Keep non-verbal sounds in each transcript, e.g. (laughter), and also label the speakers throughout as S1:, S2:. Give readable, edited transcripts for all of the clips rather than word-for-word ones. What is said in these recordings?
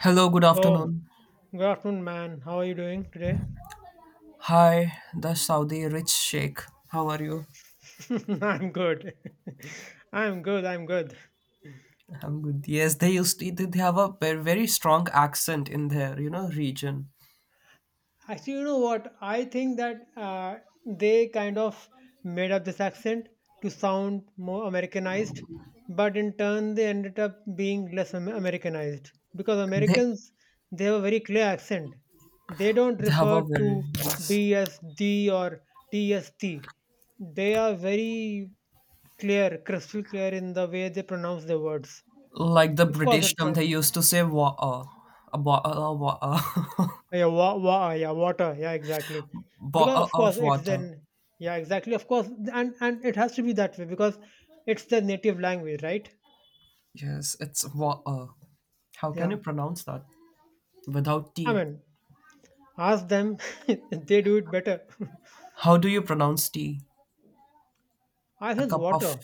S1: Hello, good
S2: So,
S1: afternoon.
S2: good afternoon, man. How are you doing today?
S1: Hi, the Saudi rich sheikh. How are you?
S2: (laughs) I'm good. (laughs) I'm good.
S1: I'm good. Yes, they have a very, very strong accent in their, you know, region.
S2: Actually, you know what? I think that they kind of made up this accent to sound more Americanized, but in turn, they ended up being less Americanized because
S1: They,
S2: Americans they have a very clear accent. They don't
S1: they have
S2: refer
S1: a very,
S2: to
S1: yes.
S2: D as D or T as T. They are very clear, crystal clear in the way they pronounce their words.
S1: Like the
S2: Of course,
S1: British
S2: it's
S1: term,
S2: a
S1: they used to say water, a bottle of water, (laughs)
S2: Yeah, wa wa yeah, water. Yeah, exactly. Because
S1: bottle
S2: of course
S1: of
S2: it's
S1: water.
S2: then yeah, exactly. Of course, and it has to be that way because it's their native language, right?
S1: Yes, it's water. How can
S2: Yeah.
S1: you pronounce that without
S2: I
S1: tea?
S2: mean, ask them, (laughs) they do it better.
S1: How do you pronounce tea?
S2: (laughs) I
S1: A
S2: says
S1: cup of,
S2: water,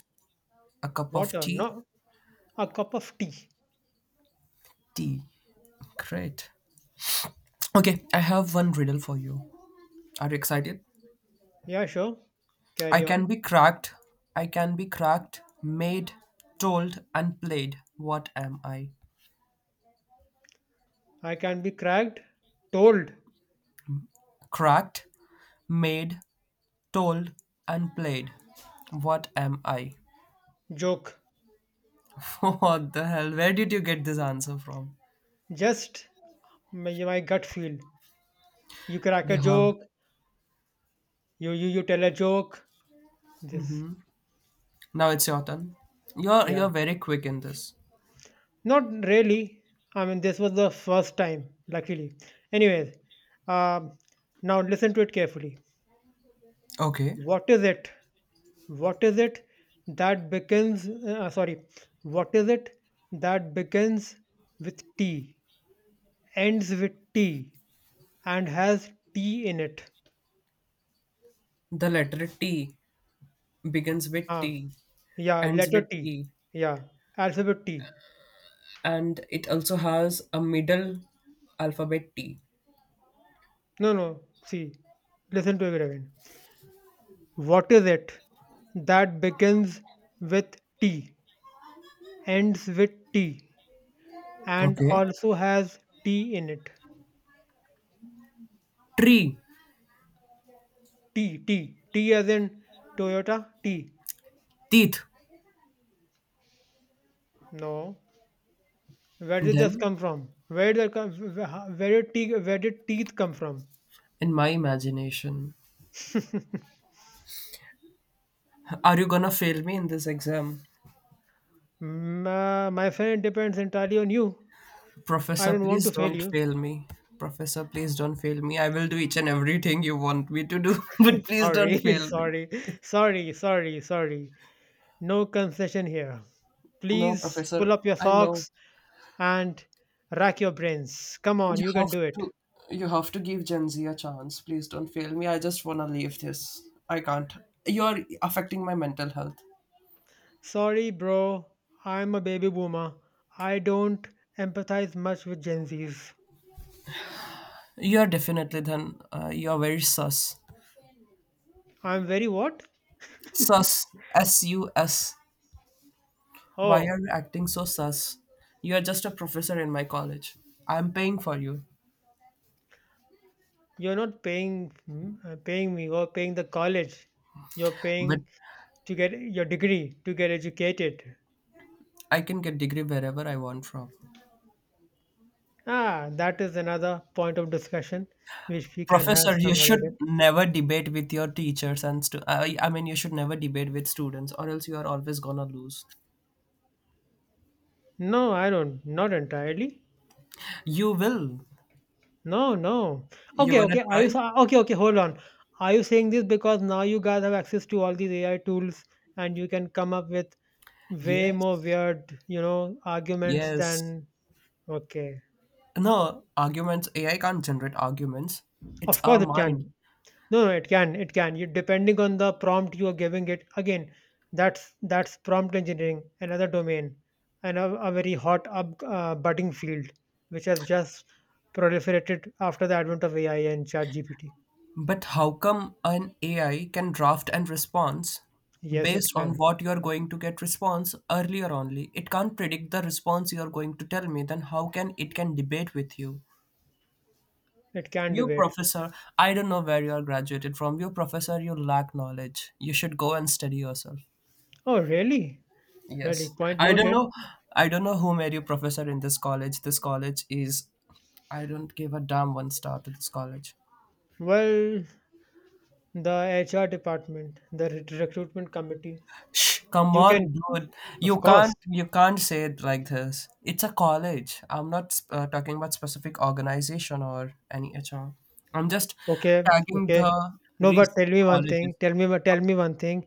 S1: a cup of
S2: water,
S1: tea?
S2: not a cup of tea.
S1: Tea. Great. Okay, I have one riddle for you. Are you excited?
S2: Yeah, sure.
S1: I
S2: Carry on.
S1: can be cracked. I can be cracked, made, told, and played. What am I?
S2: I can be cracked, told,
S1: Cracked, made, told, and played. What am I?
S2: joke.
S1: (laughs) What the hell? Where did you get this answer from?
S2: Just My gut feel. You crack
S1: You
S2: a
S1: have.
S2: joke, you tell a joke. This.
S1: Now it's your turn. You're
S2: Yeah.
S1: you're very quick in this.
S2: Not really. I mean, this was the first time, luckily. Anyways, um, now listen to it carefully.
S1: Okay.
S2: What is it? What is it that begins? Uh, uh, sorry, what is it that begins with T, ends with T, and has T in it?
S1: The letter T begins with
S2: Ah,
S1: T,
S2: yeah,
S1: ends
S2: letter
S1: with
S2: T.
S1: E,
S2: Yeah, alphabet T.
S1: and it also has a middle alphabet T.
S2: No, listen to it again. What is it that begins with T, ends with T, and
S1: Okay.
S2: also has T in it?
S1: Tree,
S2: T as in Toyota T.
S1: teeth.
S2: No. Where did this
S1: Then,
S2: come from? Where did teeth come from?
S1: in my imagination, are you gonna fail me in this exam?
S2: My friend, depends entirely on you. I
S1: Professor,
S2: don't want
S1: please
S2: to fail
S1: don't
S2: you.
S1: fail me. Professor, please don't fail me. I will do each and everything you want me to do, (laughs) but please don't
S2: Sorry, (laughs)
S1: fail me.
S2: sorry. No concession here.
S1: No,
S2: Please pull
S1: Professor,
S2: up your
S1: I know.
S2: socks and rack your brains. Come on,
S1: You
S2: you can
S1: have
S2: do it.
S1: to you have to give Gen Z a chance. Please don't fail me. I just wanna leave this. I can't. You're affecting my mental health.
S2: Sorry, bro, I'm a baby boomer. I don't empathize much with Gen Zs.
S1: You're definitely then. You're very sus.
S2: I'm very what?
S1: Sus. S U S. Why are
S2: Oh,
S1: you acting so sus? You are just a professor in my college. I'm paying for you,
S2: you're not paying paying me or paying the college. You're
S1: but
S2: paying to get your degree, to get educated.
S1: I can get degree wherever I want from.
S2: Ah, that is another point of discussion which we can have
S1: Professor, you
S2: some other day.
S1: should never debate with your teachers and stu- I mean you should never debate with students, or else you are always gonna lose.
S2: No, I don't, not entirely.
S1: You will.
S2: No, no.
S1: You
S2: Okay,
S1: wanna
S2: okay.
S1: try?
S2: Okay? Okay, hold on. Are you saying this because now you guys have access to all these AI tools and you can come up with way more
S1: Yes.
S2: weird, you know, arguments
S1: Yes.
S2: than okay.
S1: No, arguments, AI can't generate arguments. It's
S2: Of course,
S1: our
S2: it
S1: mind.
S2: can. No, no, it can. It can. You depending on the prompt you are giving it. Again, that's prompt engineering, another domain, and a very hot up budding field, which has just proliferated after the advent of AI and ChatGPT.
S1: But how come an AI can draft and response
S2: Yes, it
S1: based on
S2: can.
S1: what you're going to get response earlier only? It can't predict the response you're going to tell me, then how can it can debate with you?
S2: It can be
S1: You
S2: wait.
S1: professor, I don't know where you are graduated from. You professor, you lack knowledge. You should go and study yourself.
S2: Oh, really? Really.
S1: Yes.
S2: Point
S1: I don't
S2: noted.
S1: know I don't know who made you professor in this college. This college is I don't give a damn one star to this college.
S2: Well, the HR department, the recruitment committee.
S1: Shh, come
S2: You
S1: on,
S2: can,
S1: dude. You
S2: of course.
S1: can't you can't say it like this. It's a college. I'm not talking about specific organization or any HR. I'm just
S2: Okay,
S1: tagging
S2: okay.
S1: the
S2: No, but tell
S1: recent
S2: me one thing.
S1: colleges.
S2: Tell me one thing.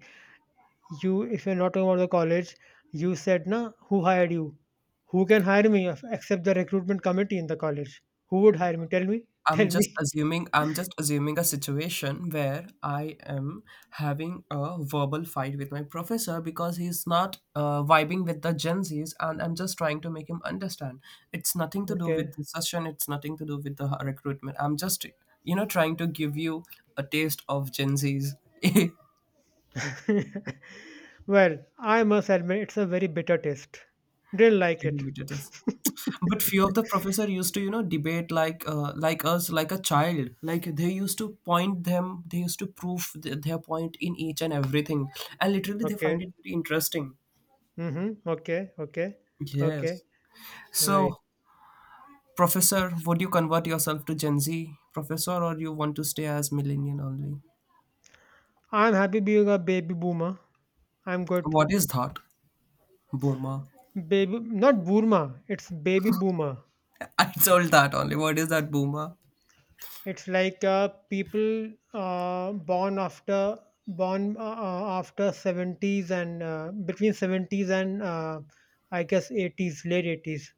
S2: You, if you're not talking about the college, you said, na, who hired you? Who can hire me except the recruitment committee in the college? Who would hire me? Tell me. Tell me. (laughs)
S1: I'm just assuming a situation where I am having a verbal fight with my professor because he's not vibing with the Gen Zs, and I'm just trying to make him understand. It's nothing to do with
S2: Okay.
S1: the session. It's nothing to do with the recruitment. I'm just you know trying to give you a taste of Gen Zs. (laughs) That's
S2: Well, I must admit, it's a very bitter taste. Didn't like
S1: really
S2: it.
S1: what it is. But few of the professor used to you know debate like us, like a child, like they used to point them, they used to prove their point in each and everything, and literally they find
S2: Okay.
S1: it very interesting.
S2: Mhm. Okay, okay, okay.
S1: Yes. So
S2: Right.
S1: professor, would you convert yourself to Gen Z, professor, or you want to stay as millennial only?
S2: I'm happy being a baby boomer. I'm good.
S1: What is that boomer?
S2: Baby, not Burma. It's baby boomer.
S1: (laughs) I told that only, what is that boomer?
S2: It's like people born after born after seventies and between seventies and I guess eighties, late 80s.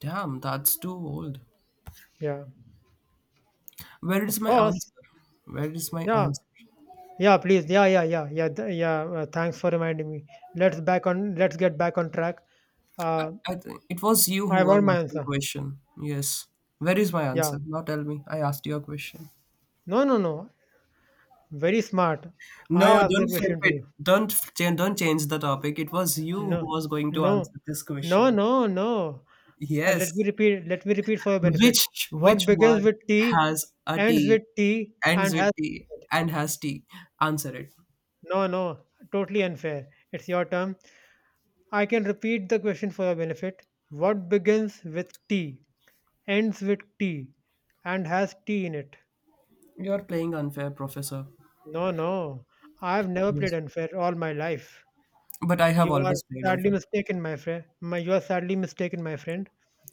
S1: Damn, that's too old.
S2: Yeah,
S1: Where is
S2: of
S1: my
S2: course.
S1: answer? Where is my
S2: Yeah,
S1: answer?
S2: yeah. Please. Yeah, yeah, yeah, yeah, yeah. Thanks for reminding me. Let's get back on track. Uh,
S1: I think it was you
S2: I
S1: who was
S2: want my
S1: asking
S2: answer.
S1: question. Yes. Where is my
S2: Yeah.
S1: answer? Now tell me. I asked you a question.
S2: No, no, no. Very smart. I
S1: No,
S2: asked the
S1: don't flip
S2: question to
S1: it.
S2: you.
S1: Don't f- change. Don't change the topic. It was you
S2: No,
S1: who was going to
S2: no,
S1: answer this
S2: no,
S1: question.
S2: no, no. Let me
S1: Yes.
S2: repeat. Let me repeat for your benefit.
S1: Which
S2: What
S1: which
S2: begins
S1: word
S2: with T,
S1: has a
S2: ends
S1: T,
S2: with T,
S1: ends
S2: and
S1: with
S2: has
S1: T, and has T? Answer it.
S2: no, no. Totally unfair. It's your term. I can repeat the question for your benefit. What begins with T, ends with T, and has T in it?
S1: You're playing unfair, professor.
S2: No, no. I've never played
S1: Yes.
S2: unfair all my life.
S1: But I have
S2: You are
S1: always played
S2: sadly
S1: unfair.
S2: mistaken, my friend. You are sadly mistaken, my friend.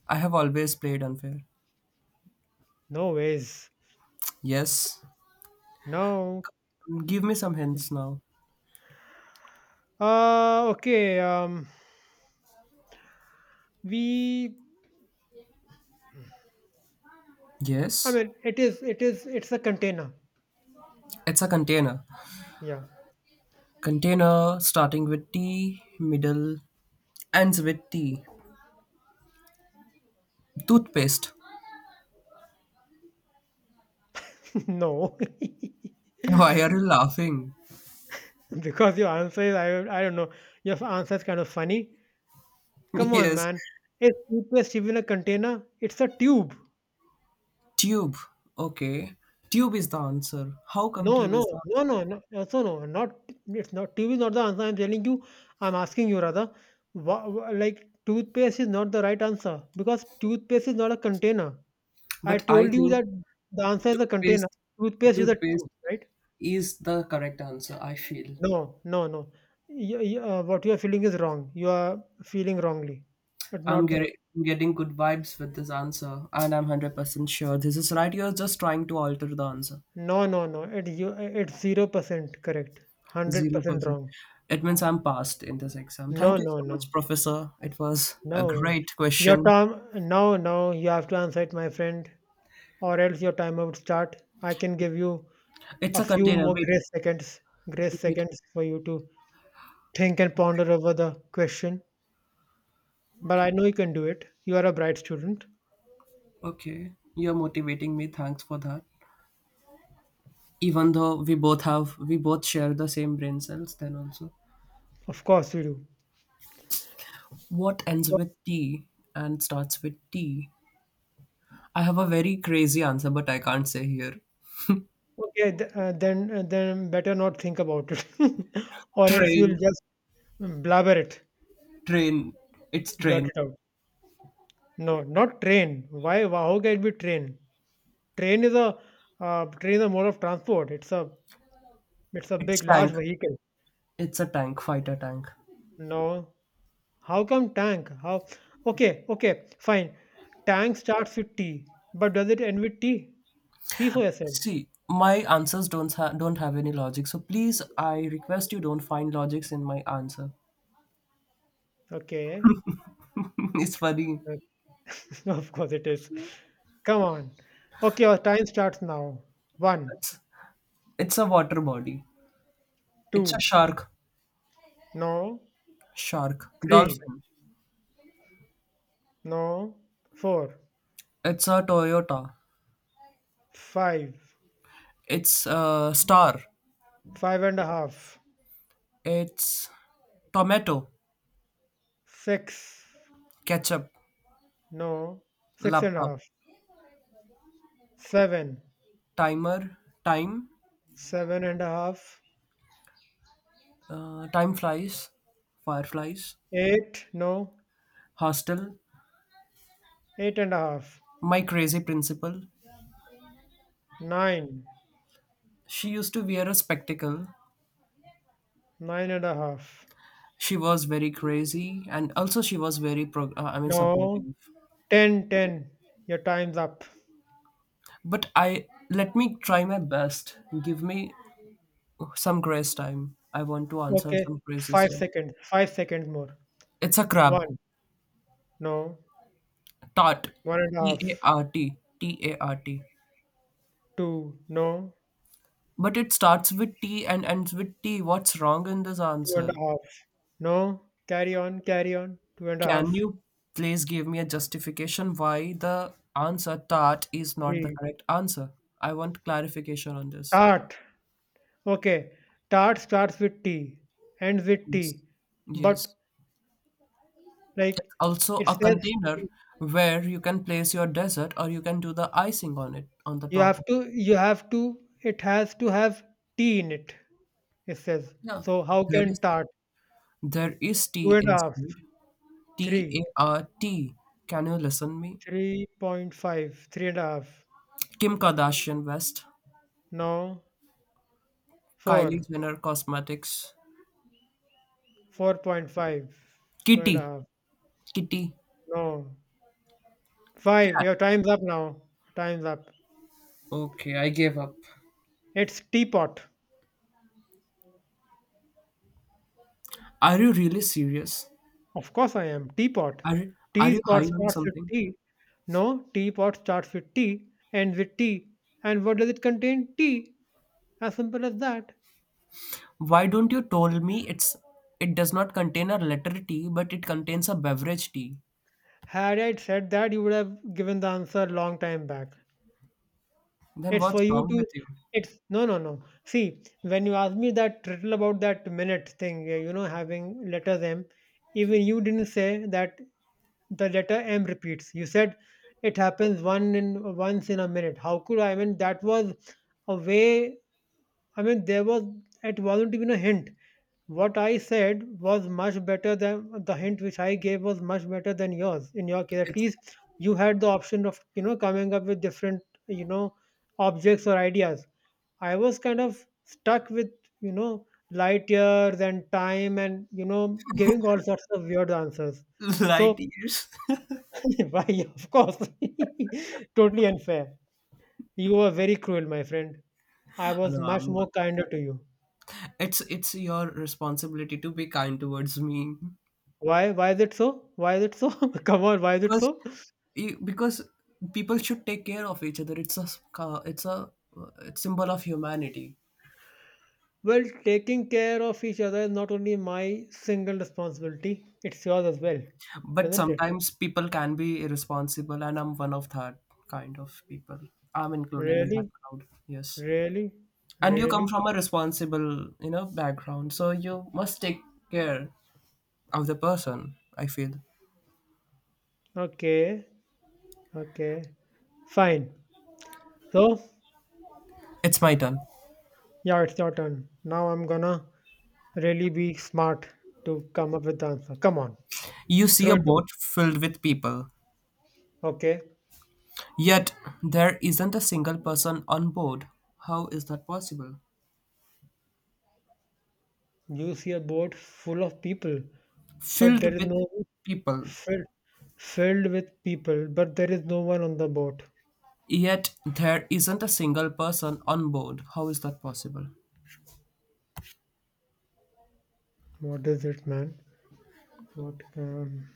S1: I have always played unfair.
S2: No ways.
S1: Yes.
S2: No.
S1: Give me some hints now.
S2: Okay. We.
S1: Yes.
S2: It is. It's a container.
S1: It's a container.
S2: Yeah.
S1: Container starting with T, middle ends with T. Toothpaste.
S2: (laughs) no.
S1: (laughs) Why are you laughing?
S2: (laughs) because your answer is. I. I don't know. Your answer is kind of funny.
S1: (laughs)
S2: Come on,
S1: yes.
S2: man. Is toothpaste even a container? It's a tube.
S1: Tube. Okay. Tube is the answer. How come
S2: No,
S1: tube
S2: no,
S1: is the
S2: no,
S1: answer?
S2: no, no, also no, not it's not, tube is not the answer. I'm telling you, I'm asking you rather. Like toothpaste is not the right answer because toothpaste is not a container. I
S1: But I
S2: told you
S1: think
S2: that the answer is a container.
S1: toothpaste
S2: Toothpaste is a
S1: toothpaste
S2: tube, right?
S1: is the correct answer, I feel.
S2: No, no, no. What you are feeling is wrong. You are feeling wrongly. It's
S1: I'm
S2: not the
S1: getting getting good vibes with this answer and I'm 100% sure this is right. You're just trying to alter the answer.
S2: no, no, no. It's 0% correct. 100%
S1: 0%.
S2: wrong.
S1: It means I'm passed in this exam.
S2: No,
S1: Thank you so
S2: no,
S1: much,
S2: no.
S1: Professor. It was a
S2: No way.
S1: great question.
S2: No, no, you have to answer it, my friend, or else your timer would start. I can give you
S1: It's
S2: a
S1: a
S2: few
S1: container.
S2: more
S1: Wait,
S2: grace
S1: wait.
S2: seconds for you to think and ponder over the question. But
S1: Okay,
S2: I know you can do it. You are a bright student.
S1: okay. You're motivating me. Thanks for that. Even though we both have, we both share the same brain cells, then also.
S2: Of course you do.
S1: What ends with T and starts with T? I have a very crazy answer, but I can't say here.
S2: Okay, then better not think about it, (laughs) or else you'll
S1: Train,
S2: just blabber it,
S1: train. It's
S2: blurt
S1: train.
S2: it out. No, not train. Why? How can it be train? Train is a train is a mode of transport. It's a big,
S1: It's
S2: large
S1: tank.
S2: vehicle.
S1: It's a tank, fighter tank.
S2: No. How come tank? How? Okay, okay, fine. Tank starts with T, but does it end with T? See for yourselves.
S1: See, my answers don't don't have any logic. So please, I request you don't find logics in my answer.
S2: Okay.
S1: (laughs) it's funny.
S2: (laughs) Of course it is. Come on. Okay, our time starts now. One,
S1: It's, it's a water body. It's a
S2: two,
S1: shark.
S2: no,
S1: Shark.
S2: three,
S1: Dolphin.
S2: no, four,
S1: It's a Toyota.
S2: five,
S1: It's a star.
S2: five and a half,
S1: It's tomato.
S2: six,
S1: Ketchup.
S2: no, six and a
S1: Laptop.
S2: half, seven,
S1: Timer. Time.
S2: seven and a half,
S1: Time flies. Fireflies.
S2: eight, no,
S1: Hostel.
S2: eight and a half.
S1: My crazy principal.
S2: Nine,
S1: She used to wear a spectacle.
S2: nine and a half.
S1: She was very crazy and also she was very
S2: No,
S1: supportive,
S2: ten, ten. Your time's up.
S1: but I let me try my best. Give me some grace time, I want to answer
S2: Okay,
S1: some
S2: five
S1: criticism.
S2: seconds, 5 seconds more.
S1: It's a crab.
S2: One, no,
S1: Tart.
S2: one and a
S1: T
S2: half.
S1: A R T. T A R T.
S2: Two, no,
S1: But it starts with T and ends with T, what's wrong in this
S2: two and
S1: answer?
S2: a half. No, carry on, carry on. Two and a
S1: Can
S2: half.
S1: you please give me a justification why the answer tart is not the
S2: Three.
S1: correct answer? I want clarification on this.
S2: Tart. Okay, tart starts with T, ends with
S1: Yes.
S2: T, but
S1: Yes.
S2: like
S1: Also
S2: it
S1: a
S2: says
S1: container where you can place your dessert or you can do the icing on it on the
S2: you
S1: top
S2: have
S1: of.
S2: to, it has to have T in it, it says,
S1: Yeah.
S2: so how
S1: there
S2: can
S1: is
S2: tart?
S1: there is
S2: Two
S1: tea
S2: and a half,
S1: inside. T A
S2: three,
S1: R T. Can you listen me?
S2: 3.5 3 and a half,
S1: Kim Kardashian West,
S2: no,
S1: Kylie
S2: four,
S1: Jenner Cosmetics,
S2: 4.5 4 and a
S1: Kitty,
S2: half,
S1: Kitty,
S2: no, five,
S1: Cat.
S2: your time's up now. Time's up.
S1: Okay, I gave up.
S2: It's teapot.
S1: Are you really serious?
S2: Of course I am, teapot.
S1: Are are you
S2: Teapot
S1: high on
S2: starts with
S1: something?
S2: T. no Teapot starts with T, ends with T. And what does it contain? T. As simple as that.
S1: Why don't you told me it's it does not contain a letter T, but it contains a beverage T.
S2: Had I said that, you would have given the answer long time back.
S1: Then
S2: It's for
S1: what's
S2: you
S1: wrong
S2: to.
S1: with you?
S2: It's no, no, no. See, when you asked me that riddle about that minute thing, you know, having letters M, even you didn't say that the letter M repeats. You said it happens one in once in a minute. How could I? I mean, that was a way. I mean, there was. It wasn't even a hint. What I said was much better than the hint which I gave was much better than yours. In your case, at
S1: It's
S2: least you had the option of you know coming up with different you know objects or ideas. I was kind of stuck with you know light years and time and you know giving all sorts of weird answers.
S1: (laughs) light
S2: So
S1: years. (laughs)
S2: (laughs) why of course (laughs) totally unfair. You were very cruel, my friend. I was
S1: no,
S2: much
S1: I'm not.
S2: more kinder to you.
S1: It's your responsibility to be kind towards me
S2: Why? Why is it so? (laughs) Come on, why is it
S1: because
S2: so?
S1: because people should take care of each other. It's a uh, symbol of humanity.
S2: Well, taking care of each other is not only my single responsibility, it's yours as well,
S1: But
S2: isn't it?
S1: sometimes people can be irresponsible, and I'm one of that kind of people. I'm included in that
S2: Really?
S1: crowd. Yes,
S2: Really?
S1: and you come
S2: Really?
S1: from a responsible you know background, so you must take care of the person. I feel.
S2: Okay. Okay. Fine. So,
S1: It's my turn.
S2: yeah, it's your turn. Now I'm gonna really be smart to come up with the answer. Come on,
S1: You see
S2: throw
S1: a
S2: it to me.
S1: boat filled with people,
S2: Okay.
S1: yet there isn't a single person on board. How is that possible?
S2: You see a boat full of people, but
S1: Filled
S2: there is
S1: with
S2: no
S1: people,
S2: filled filled with people, but there is no one on the boat.
S1: yet there isn't a single person on board. How is that possible?
S2: What is it, man? What can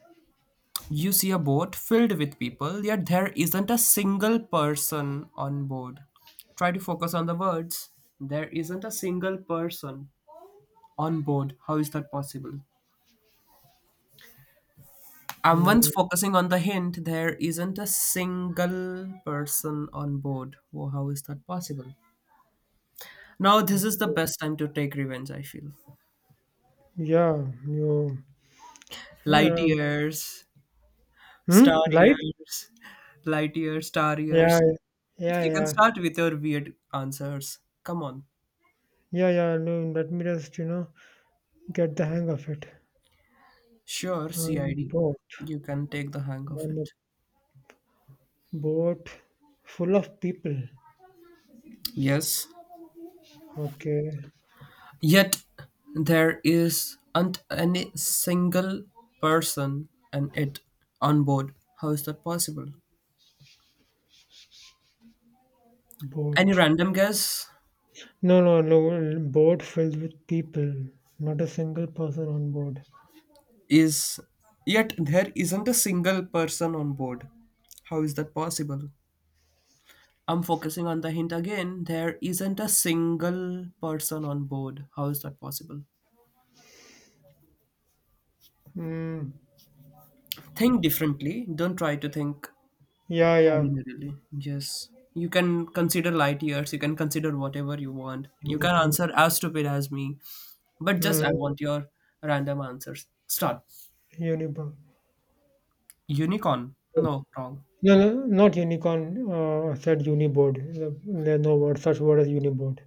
S1: You see a boat filled with people, yet there isn't a single person on board. Try to focus on the words. There isn't a single person on board. How is that possible? I'm once
S2: mm,
S1: focusing on the hint, there isn't a single person on board. Whoa, how is that possible? Now, this is the
S2: okay.
S1: best time to take revenge, I feel.
S2: Yeah, you,
S1: Light
S2: um,
S1: years,
S2: hmm?
S1: star
S2: Light?
S1: years, light years, star
S2: Yeah,
S1: years.
S2: yeah,
S1: You can
S2: yeah,
S1: start with your weird answers. Come on.
S2: yeah, yeah. No, let me just you know get the hang of it.
S1: Sure,
S2: I'm a
S1: CID.
S2: boat.
S1: You can take the hang of
S2: I'm a
S1: it.
S2: boat full of people.
S1: Yes.
S2: Okay,
S1: Yet there isn't any single person and it on board. How is that possible? Any
S2: boat.
S1: random guess
S2: No, no, no. Boat filled with people. Not a single person on board.
S1: is yet there isn't a single person on board. How is that possible? I'm focusing on the hint again. There isn't a single person on board. How is that possible?
S2: Mm,
S1: Think differently. Don't try to think
S2: yeah, yeah.
S1: ordinarily. Yes. You can consider light years. You can consider whatever you want. You can
S2: Unibug.
S1: answer as stupid as me. But just
S2: Mm,
S1: I want your random answers. Start.
S2: Unibug.
S1: Unicorn. No, wrong.
S2: No, no, not unicorn, I said uniboard. There's no word, such word as uniboard.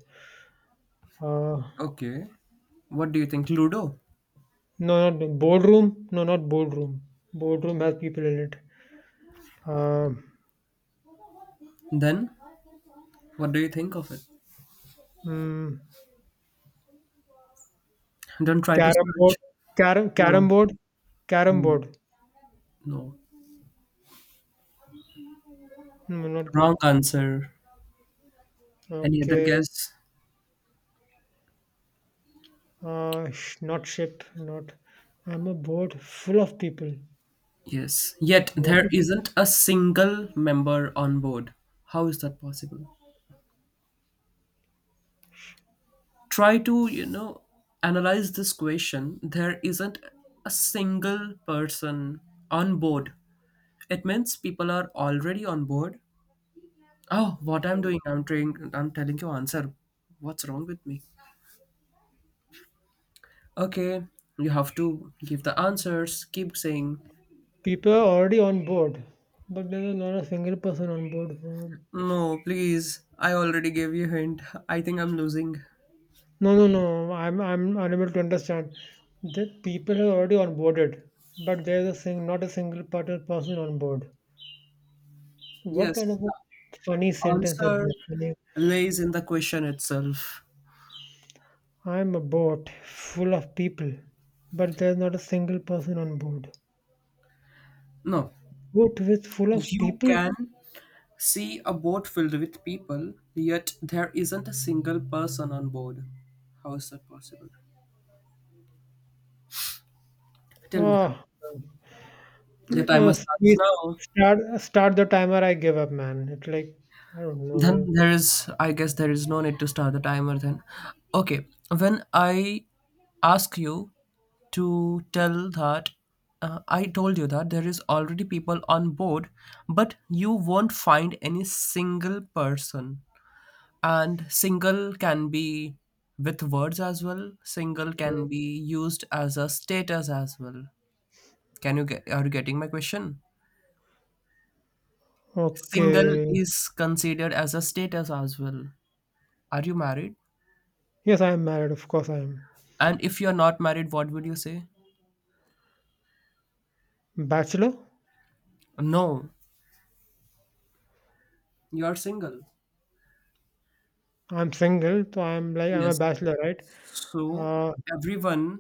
S2: Uh,
S1: Okay. What do you think? Ludo?
S2: no, not boardroom. No, not boardroom. Boardroom has people in it. Uh,
S1: Then, what do you think of it?
S2: mm,
S1: Don't try to
S2: carom board,
S1: search.
S2: carom
S1: No,
S2: board, carom
S1: Mm,
S2: board.
S1: no.
S2: No, not good.
S1: Wrong answer. Any other
S2: Okay.
S1: guess?
S2: Not ship. Not. I'm a board full of people.
S1: Yes. Yet
S2: What
S1: there
S2: is it?
S1: isn't a single member on board. How is that possible? Try to, you know, analyze this question. There isn't a single person on board. It means people are already on board. Oh, what I'm doing, I'm trying, I'm telling you answer. What's wrong with me? Okay, you have to give the answers. Keep saying,
S2: People are already on board, but there's not a single person on board.
S1: no, please. I already gave you hint. I think I'm losing.
S2: No, no, no. I'm unable to understand. The people have already onboarded, but there's a sing not a single person on board. What kind
S1: Yes,
S2: of a funny
S1: the
S2: sentence is this?
S1: answer
S2: Funny,
S1: lays in the question itself.
S2: I'm a boat full of people, but there's not a single person on board.
S1: No,
S2: Boat with full of
S1: you
S2: people?
S1: can see a boat filled with people, yet there isn't a single person on board. How is that possible? Tell me that.
S2: Ah,
S1: Your time must starts
S2: please
S1: now.
S2: start the timer. I give up, man. It's like I don't
S1: Then
S2: know.
S1: there is, I guess, there is no need to start the timer then. Okay, when I ask you to tell that, I told you that there is already people on board, but you won't find any single person. And single can be with words as well, single can be used as a status as well. Can you get, are you getting my question? Single
S2: Okay.
S1: is considered as a status as well. Are you married?
S2: Yes, I am married. Of course, I am.
S1: And if you're not married, what would you say?
S2: Bachelor.
S1: No, you're single.
S2: I'm single, so I'm like I'm a
S1: Yes.
S2: bachelor, right?
S1: So
S2: Uh,
S1: everyone,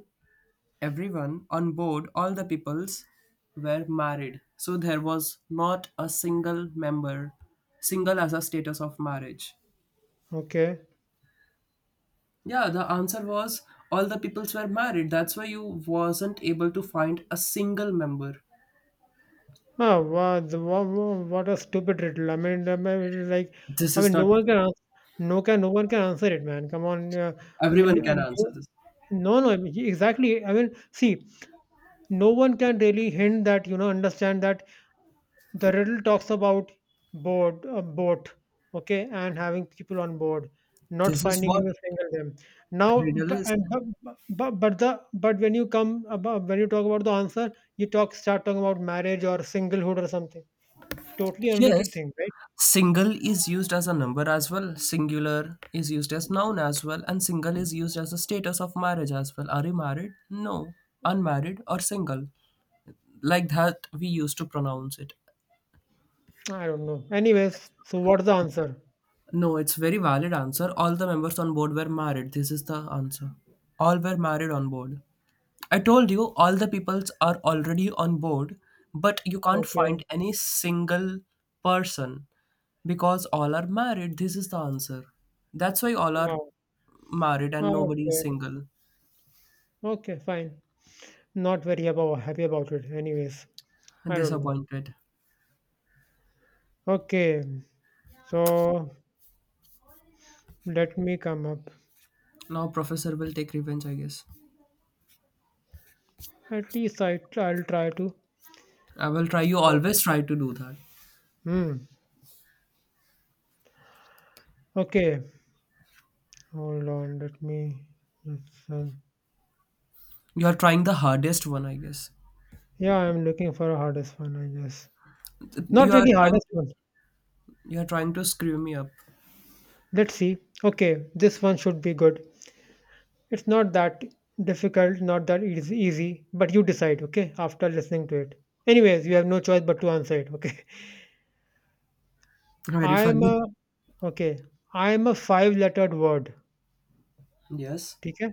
S1: everyone on board, all the peoples were married. So there was not a single member, single as a status of marriage.
S2: okay.
S1: Yeah, the answer was all the peoples were married. That's why you wasn't able to find a single member.
S2: Ah, wow, wow, wow, what a stupid riddle. I mean, it is like,
S1: This
S2: I
S1: is
S2: mean, no
S1: not
S2: one can answer. No one can answer it, man. Come on. I mean,
S1: everyone can answer this.
S2: no, no, I mean, exactly. I mean, see, no one can really hint that understand that the riddle talks about board, a boat, okay, and having people on board, not
S1: This is
S2: finding
S1: what
S2: you a single them. Now,
S1: riddle
S2: bu-
S1: is.
S2: and but the but when you come about, when you talk about the answer, you talking about marriage or singlehood or something. Totally unrelated
S1: Yes,
S2: thing, right?
S1: single is used as a number as well, singular is used as noun as well, and single is used as a status of marriage as well. Are you married? No, unmarried or single, like that we used to pronounce it.
S2: I don't know. Anyways, so what's the
S1: It's-
S2: answer?
S1: no, it's very valid answer. All the members on board were married, this is the answer. All were married on board. I told you all the peoples are already on board, but you can't
S2: Okay.
S1: find any single person because all are married. This is the answer. That's why all are
S2: Wow.
S1: married and nobody is
S2: Okay.
S1: single.
S2: Okay. Fine. Not very about happy about it. Anyways, I don't know.
S1: Disappointed.
S2: Okay. So let me come up.
S1: Now professor will take revenge, I guess.
S2: At least I'll try to.
S1: I will try. You
S2: Oh,
S1: always try to do that.
S2: hmm. Okay. Hold on. Let me. Just,
S1: You are trying the hardest one, I guess.
S2: yeah, I'm looking for a hardest one. I guess
S1: You
S2: not
S1: are
S2: really
S1: trying.
S2: hardest
S1: To,
S2: one.
S1: you are trying to screw me up.
S2: Let's see. Okay, this one should be good. It's not that difficult, not that easy, easy. But you decide. Okay, after listening to it. Anyways, you have no choice but to answer it. Okay. (laughs)
S1: Very
S2: I'm
S1: funny.
S2: a. Okay. I'm a five-lettered word.
S1: Yes.
S2: Okay.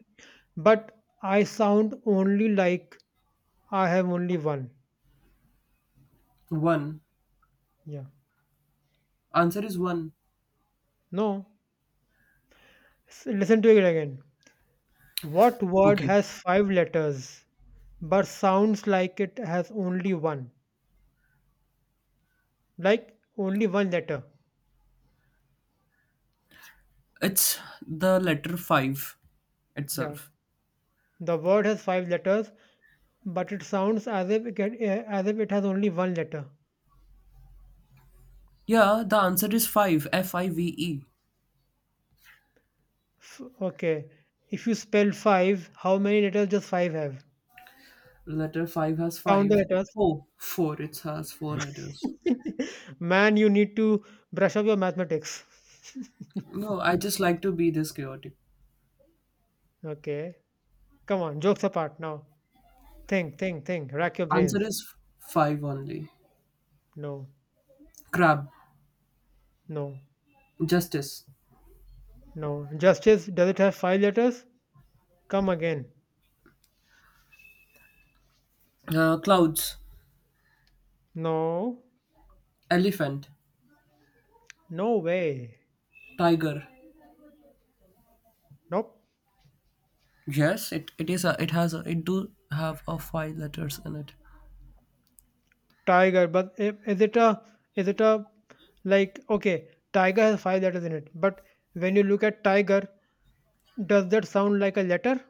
S2: But I sound only like I have only one.
S1: One.
S2: Yeah.
S1: Answer is one.
S2: No. Listen to it again. What word
S1: Okay.
S2: has five letters but sounds like it has only one? Like only one letter.
S1: It's the letter five
S2: Yeah.
S1: itself.
S2: The word has five letters but it sounds as if it has only one letter.
S1: Yeah, the answer is five. F I V E.
S2: Okay. If you spell five, how many letters does five have?
S1: Letter five has
S2: Count the
S1: five.
S2: letters.
S1: Four. Four. It has four letters.
S2: (laughs) Man, you need to brush up your mathematics. (laughs)
S1: No, I just like to be this chaotic.
S2: Okay. Come on, jokes apart now. Think, think. Rack your
S1: Answer
S2: brains.
S1: is five only.
S2: No.
S1: Crab,
S2: No,
S1: justice,
S2: no. Justice, does it have five letters? Come again.
S1: clouds,
S2: No,
S1: elephant,
S2: no way.
S1: tiger.
S2: Nope.
S1: Yes, it is a, it has a, it do have a five letters in it.
S2: Tiger, but is it a, like, okay, tiger has five letters in it, but when you look at tiger, does that sound like a letter?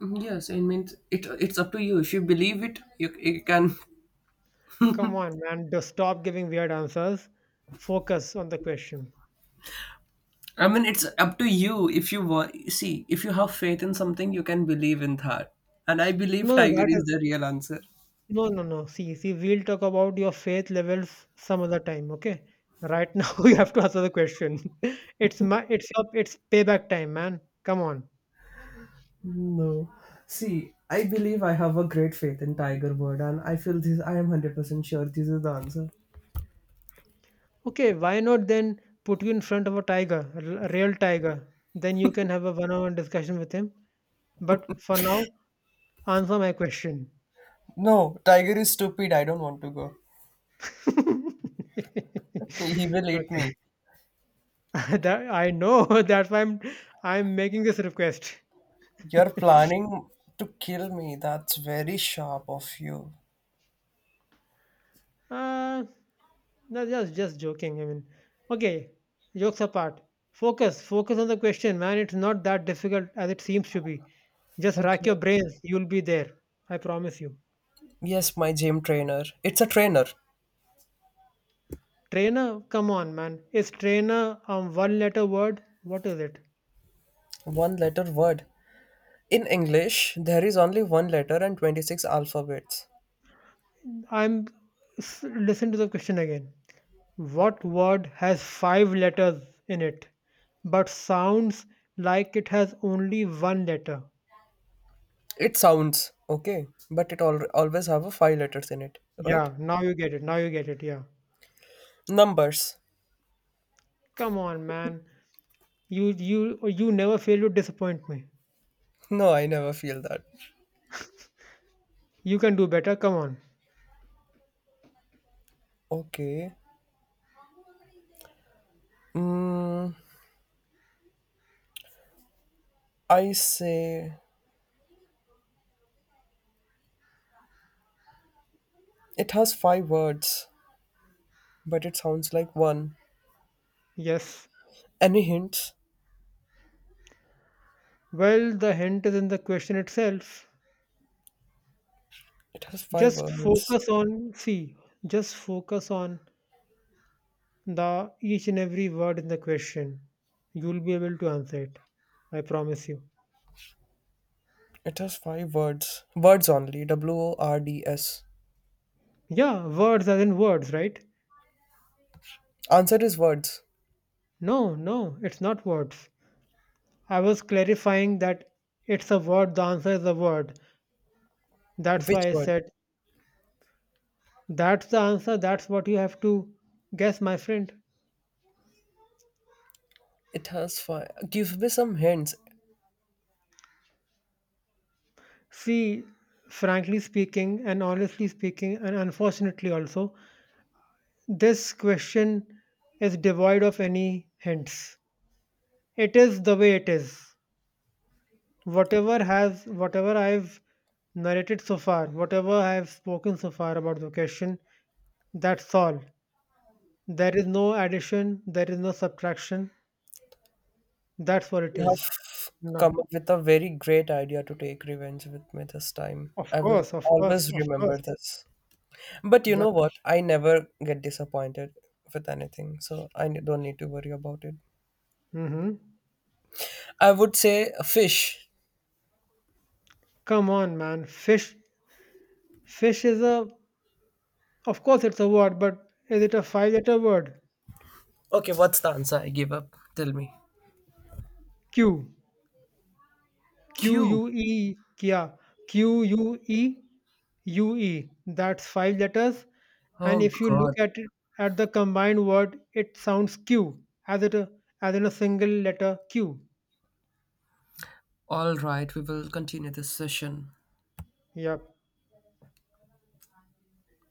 S1: Yes, I mean it. It's up to you. If you believe it, you can.
S2: Come on, man, just stop giving weird answers. Focus on the question.
S1: I mean, it's up to you. If you want, see, if you have faith in something, you can believe in that. And I believe
S2: No, no,
S1: tiger
S2: that
S1: is the real answer.
S2: no, no, no. See, we'll talk about your faith levels some other time, okay? Right now, (laughs) you have to answer the question. (laughs) It's my, it's your, it's payback time, man. Come on.
S1: No. See, I believe I have a great faith in Tiger Bird and I feel this I am 100% sure this is the answer.
S2: Okay, why not then put you in front of a tiger, a real tiger? Then you can have a one-on-one discussion with him. But for now, answer my question.
S1: No, tiger is stupid. I don't want to go.
S2: (laughs)
S1: He will eat
S2: Okay,
S1: me.
S2: (laughs) that I know. (laughs) That's why I'm making this request. (laughs)
S1: You're planning to kill me. That's very sharp of you.
S2: Uh, no, just joking. I mean, okay, jokes apart. Focus on the question, man. It's not that difficult as it seems to be. Just rack
S1: Okay.
S2: your brains. You'll be there. I promise you.
S1: Yes, my gym trainer. It's a trainer.
S2: Trainer, come on, man. Is trainer a one-letter word? What is it?
S1: One letter word. In English, there is only one letter and 26 alphabets.
S2: I'm Listen to the question again. What word has five letters in it, but sounds like it has only one letter?
S1: It sounds okay, but it always have a five letters in it, right?
S2: Yeah, now you get it. Now you get it. Yeah.
S1: Numbers.
S2: Come on, man. You never fail to disappoint me.
S1: No, I never feel that.
S2: You can do better. Come on.
S1: Okay. I say it has five words, but it sounds like one.
S2: Yes.
S1: Any hints?
S2: Well, the hint is in the question itself.
S1: It has five
S2: Just
S1: words.
S2: focus on, see, just focus on the each and every word in the question. You'll be able to answer it. I promise you.
S1: It has five words. Words only. Words.
S2: Yeah, words as in words, right?
S1: Answer is words.
S2: No, no, it's not words. I was clarifying that it's a word, the answer is a word. That's
S1: Which
S2: why I
S1: word?
S2: said. That's the answer. That's what you have to guess, my friend.
S1: It has five. Give me some hints.
S2: See, frankly speaking, and honestly speaking, and unfortunately also, this question is devoid of any hints. It is the way it is. Whatever I've narrated so far, whatever I've spoken so far about the question, that's all. There is no addition, there is no subtraction. That's what it
S1: You
S2: is.
S1: have
S2: No.
S1: come up with a very great idea to take revenge with me this time.
S2: Of
S1: I will
S2: course, of course,
S1: always
S2: of course.
S1: remember this. But you know
S2: Yep.
S1: what? I never get disappointed with anything, so I don't need to worry about it.
S2: Mm-hmm.
S1: I would say a fish.
S2: Come on, man. Fish. Fish is a. Of course, it's a word, but is it a five-letter word?
S1: Okay, what's the answer? I give up. Tell me.
S2: Q. Q
S1: Cube.
S2: U E. Yeah. Queue. That's five letters. And
S1: Oh
S2: if you look
S1: God.
S2: at it at the combined word, it sounds Q as it a- as in a single letter Q.
S1: All right, we will continue this session.
S2: Yep.